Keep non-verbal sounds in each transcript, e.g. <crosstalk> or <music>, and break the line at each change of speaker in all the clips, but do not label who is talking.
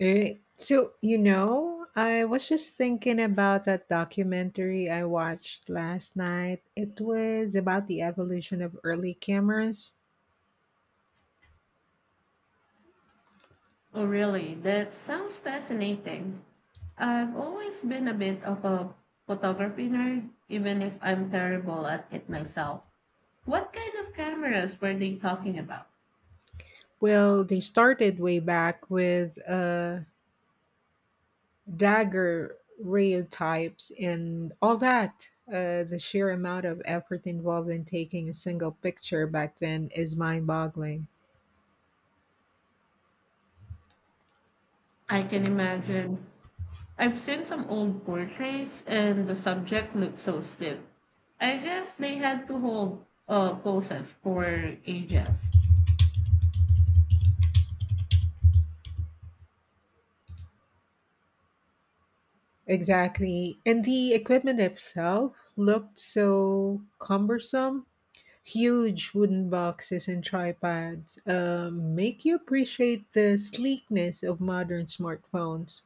I was just thinking about that documentary I watched last night. It was about the evolution of early cameras.
Oh, really? That sounds fascinating. I've always been a bit of a photography nerd, even if I'm terrible at it myself. What kind of cameras were they talking about?
Well, they started way back with dagger types and all that. The sheer amount of effort involved in taking a single picture back then is mind boggling.
I can imagine. I've seen some old portraits, and the subject looked so stiff. I guess they had to hold poses for ages.
Exactly. And the equipment itself looked so cumbersome. Huge wooden boxes and tripods make you appreciate the sleekness of modern smartphones.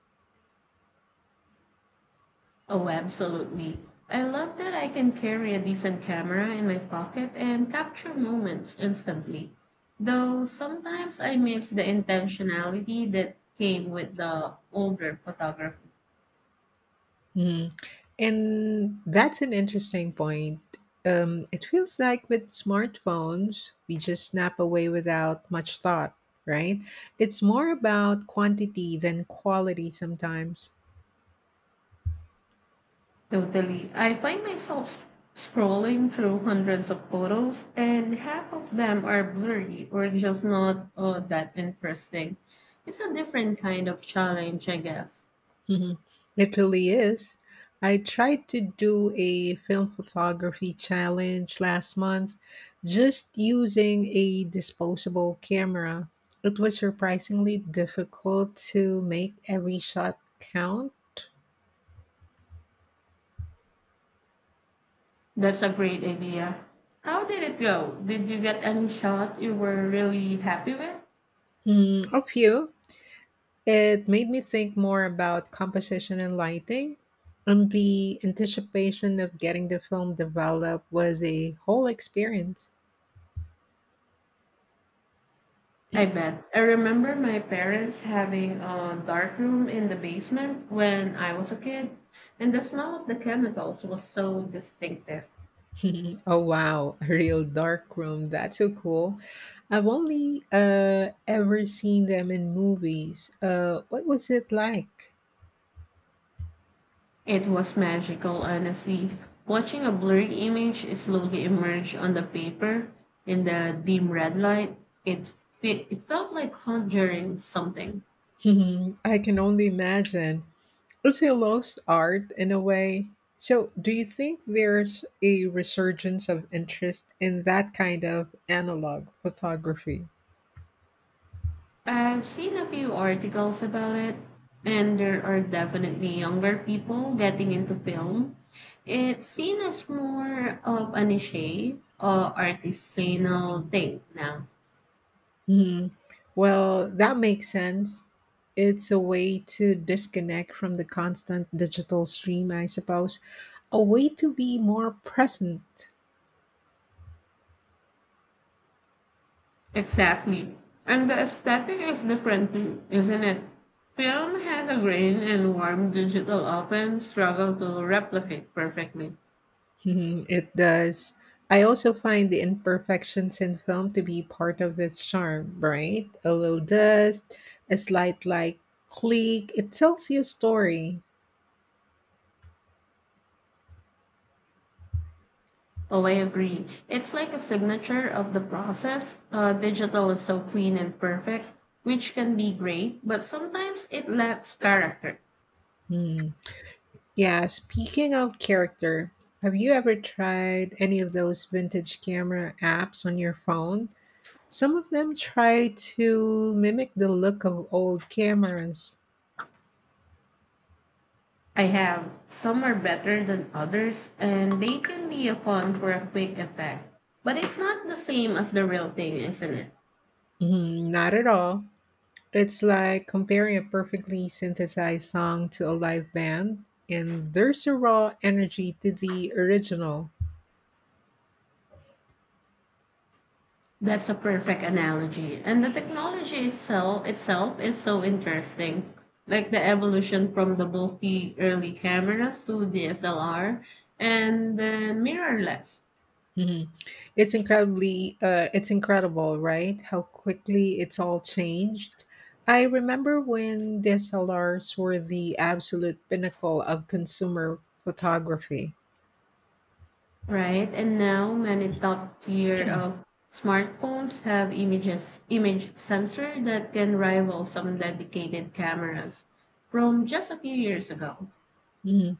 Oh, absolutely. I love that I can carry a decent camera in my pocket and capture moments instantly. Though sometimes I miss the intentionality that came with the older photography.
Mhm. And that's an interesting point. It feels like with smartphones, we just snap away without much thought, right? It's more about quantity than quality sometimes.
Totally. I find myself scrolling through hundreds of photos, and half of them are blurry or just not that interesting. It's a different kind of challenge, I guess.
Mhm. It really is. I tried to do a film photography challenge last month, just using a disposable camera. It was surprisingly difficult to make every shot count.
That's a great idea. How did it go? Did you get any shot you were really happy with?
Mm, a few. It made me think more about composition and lighting. And the anticipation of getting the film developed was a whole experience.
I bet. I remember my parents having a dark room in the basement when I was a kid, and the smell of the chemicals was so distinctive.
<laughs> Oh wow, a real dark room. That's so cool. I've only ever seen them in movies. What was it like?
It was magical, honestly. Watching a blurred image slowly emerge on the paper in the dim red light, it, it felt like conjuring something.
<laughs> I can only imagine. It's a lost art in a way. So, do you think there's a resurgence of interest in that kind of analog photography?
I've seen a few articles about it, and there are definitely younger people getting into film. It's seen as more of a niche or artisanal thing now.
Mhm. Well, that makes sense. It's a way to disconnect from the constant digital stream, I suppose, a way to be more present.
Exactly. And the aesthetic is different too, isn't it? Film has a grain and warm digital often struggle to replicate perfectly.
Mhm, it does. I also find the imperfections in film to be part of its charm, right? A little dust, a slight like click, it tells you a story.
Oh, I agree. It's like a signature of the process. Digital is so clean and perfect, which can be great, but sometimes it lacks character.
Hmm. Yeah, speaking of character, have you ever tried any of those vintage camera apps on your phone? Some of them try to mimic the look of old cameras.
I have. Some are better than others, and they can be a fun for a quick effect. But it's not the same as the real thing, isn't it?
Mhm, not at all. It's like comparing a perfectly synthesized song to a live band, and there's a raw energy to the original.
That's a perfect analogy. And the technology itself is so interesting. Like the evolution from the bulky early cameras to DSLR and then mirrorless,
Mhm. It's it's incredible, right? How quickly it's all changed. I remember when DSLRs were the absolute pinnacle of consumer photography. <clears throat>
right? And now many top tier of smartphones have image sensor that can rival some dedicated cameras from just a few years ago.
Mhm.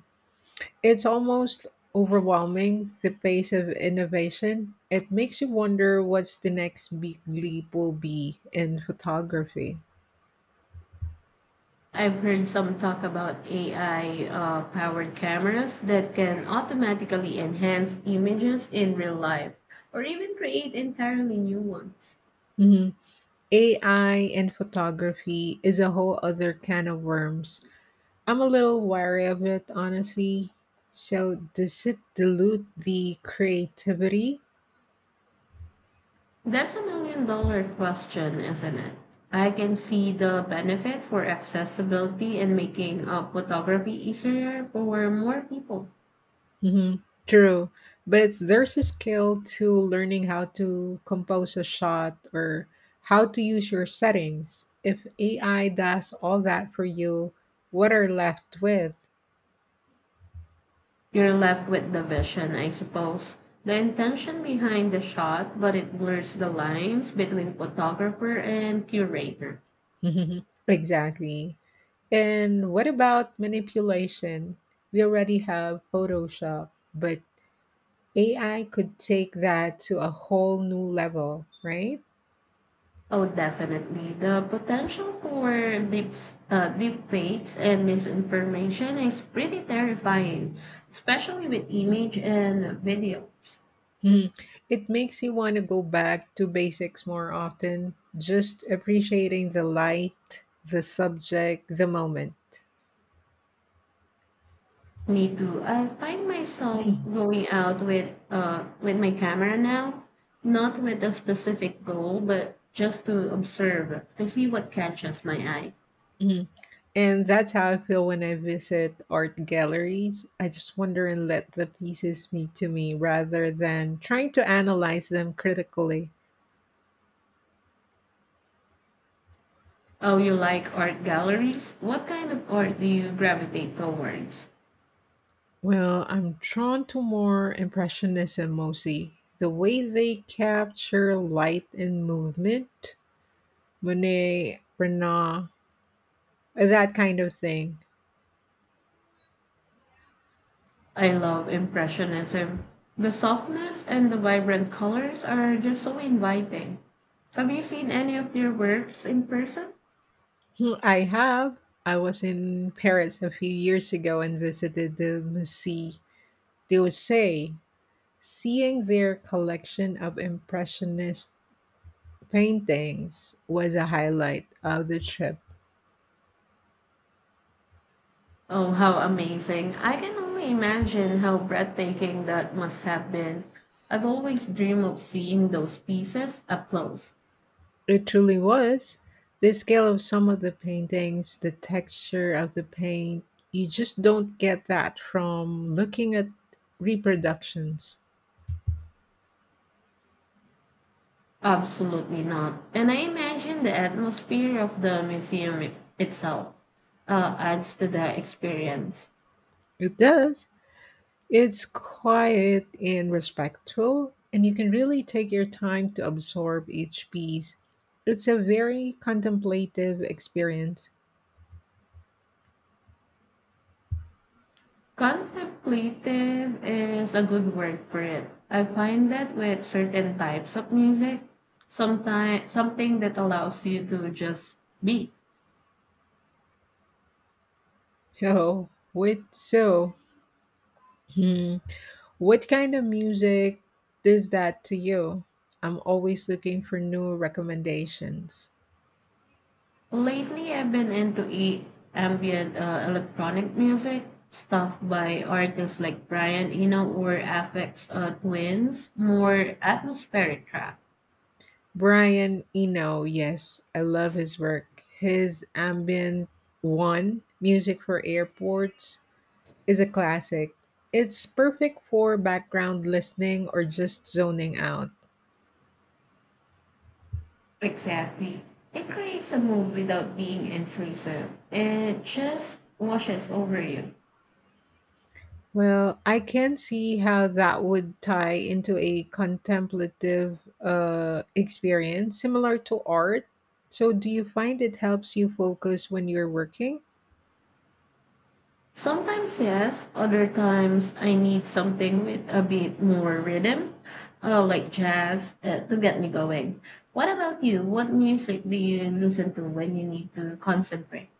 It's almost overwhelming, the pace of innovation. It makes you wonder what's the next big leap will be in photography.
I've heard some talk about AI powered cameras that can automatically enhance images in real life or even create entirely new ones.
Mhm. AI in photography is a whole other can of worms. I'm a little wary of it, honestly. So, does it dilute the creativity?
That's a million dollar question, isn't it? I can see the benefit for accessibility and making photography easier for more people.
Hmm. True. But there's a skill to learning how to compose a shot, or how to use your settings. If AI does all that for you, what are left with?
You're left with the vision, I suppose. The intention behind the shot, but it blurs the lines between photographer and curator.
Mhm. Exactly. And what about manipulation? We already have Photoshop, but AI could take that to a whole new level, right?
Oh, definitely. The potential for deep fakes and misinformation is pretty terrifying, especially with image and video.
Hmm. It makes you want to go back to basics more often, just appreciating the light, the subject, the moment.
Me too. I find myself going out with with my camera now, not with a specific goal, but just to observe, to see what catches my eye.
Mhm. And that's how I feel when I visit art galleries. I just wander and let the pieces speak to me rather than trying to analyze them critically.
Oh, you like art galleries? What kind of art do you gravitate towards?
Well, I'm drawn to more Impressionism mostly. The way they capture light and movement, Monet, Renoir, that kind of thing.
I love Impressionism. The softness and the vibrant colors are just so inviting. Have you seen any of their works in person?
Hmm, I have. I was in Paris a few years ago and visited the Musée d'Orsay. Seeing their collection of Impressionist paintings was a highlight of the trip.
Oh, how amazing! I can only imagine how breathtaking that must have been. I've always dreamed of seeing those pieces up close.
It truly was. The scale of some of the paintings, the texture of the paint, you just don't get that from looking at reproductions.
Absolutely not. And I imagine the atmosphere of the museum itself adds to the experience.
It does. It's quiet and respectful, and you can really take your time to absorb each piece. It's a very contemplative experience. <laughs>
Contemplative is a good word for it. I find that with certain types of music, sometimes something that allows you to just be.
Oh, wait, so. Hmm. What kind of music does that to you? I'm always looking for new recommendations.
Lately, I've been into ambient electronic music, stuff by artists like Brian Eno or Aphex Twins, more atmospheric track.
Brian Eno, yes, I love his work. His ambient one, Music for Airports, is a classic. It's perfect for background listening or just zoning out.
Exactly. It creates a mood without being intrusive. It just washes over you.
Well, I can see how that would tie into a contemplative experience similar to art. So, do you find it helps you focus when you're working?
Sometimes yes, other times I need something with a bit more rhythm, like jazz, to get me going. What about you? What music do you listen to when you need to concentrate?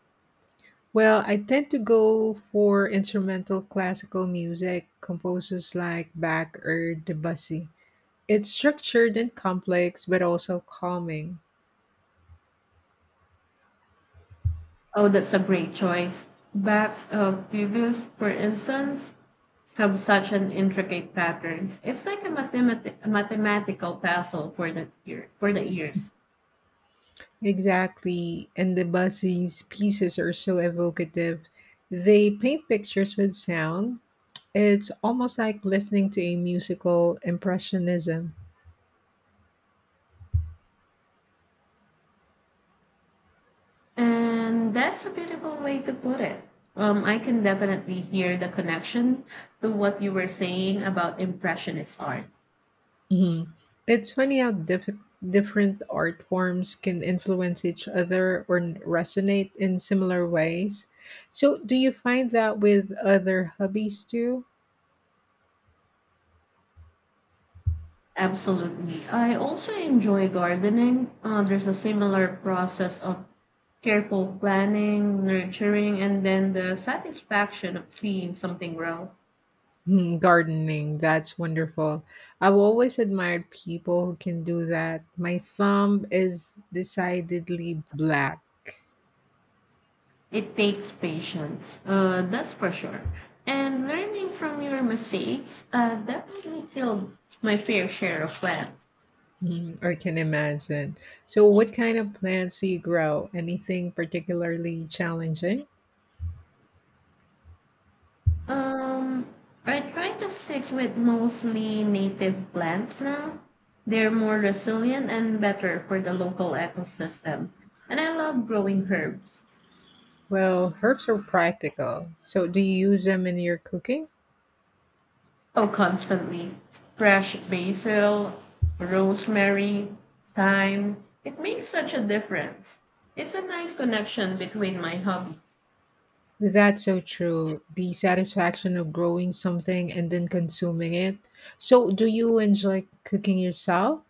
Well, I tend to go for instrumental classical music, composers like Bach or Debussy. It's structured and complex, but also calming.
Oh, that's a great choice. Backs of Fugues, for instance, have such an intricate patterns. It's like a mathematical puzzle for the ears.
Exactly. And the Buzzy's pieces are so evocative. They paint pictures with sound. It's almost like listening to a musical impressionism.
And that's a beautiful way to put it. I can definitely hear the connection to what you were saying about Impressionist art.
Mhm. It's funny how different art forms can influence each other or resonate in similar ways. So, do you find that with other hobbies too?
Absolutely. I also enjoy gardening. There's a similar process of careful planning, nurturing, and then the satisfaction of seeing something grow.
Hmm, gardening, that's wonderful. I've always admired people who can do that. My thumb is decidedly black.
It takes patience, that's for sure. And learning from your mistakes, I've definitely killed my fair share of plants.
Hmm, I can imagine. So, what kind of plants do you grow? Anything particularly challenging?
Um, I try to stick with mostly native plants now. They're more resilient and better for the local ecosystem. And I love growing herbs.
Well, herbs are practical. So, do you use them in your cooking?
Oh, constantly. Fresh basil, rosemary, thyme. It makes such a difference. It's a nice connection between my hobbies.
That's so true. The satisfaction of growing something and then consuming it. So, do you enjoy cooking yourself?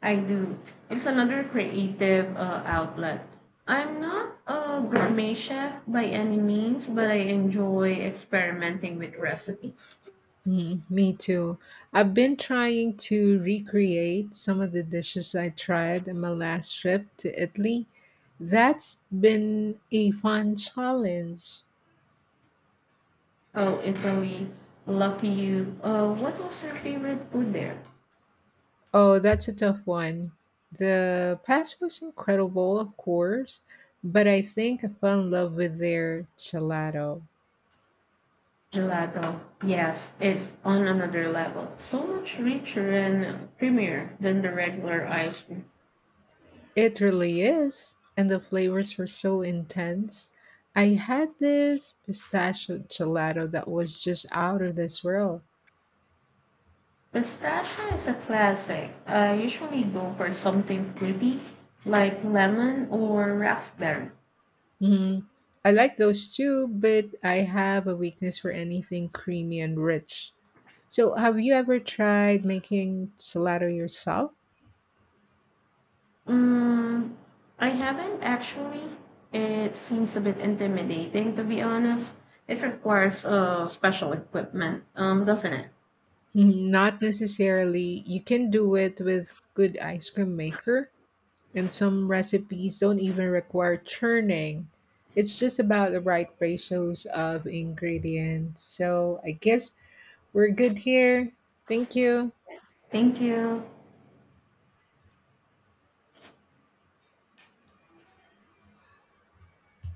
I do. It's another creative outlet. I'm not a gourmet chef by any means, but I enjoy experimenting with recipes.
Mm, me too. I've been trying to recreate some of the dishes I tried in my last trip to Italy. That's been a fun challenge.
Oh, Italy. Lucky you. What was your favorite food there?
Oh, that's a tough one. The pasta was incredible, of course, but I think I fell in love with their gelato.
Gelato. Yes, it's on another level. So much richer and creamier than the regular ice cream.
It really is, and the flavors were so intense. I had this pistachio gelato that was just out of this world.
Pistachio is a classic. I usually go for something fruity like lemon or raspberry.
Mhm. I like those too, but I have a weakness for anything creamy and rich. So, have you ever tried making gelato yourself?
Mm, I haven't actually. It seems a bit intimidating, to be honest. It requires special equipment, doesn't it?
Mhm, not necessarily. You can do it with good ice cream maker, and some recipes don't even require churning. It's just about the right ratios of ingredients. So, I guess we're good here. Thank you.
Thank you.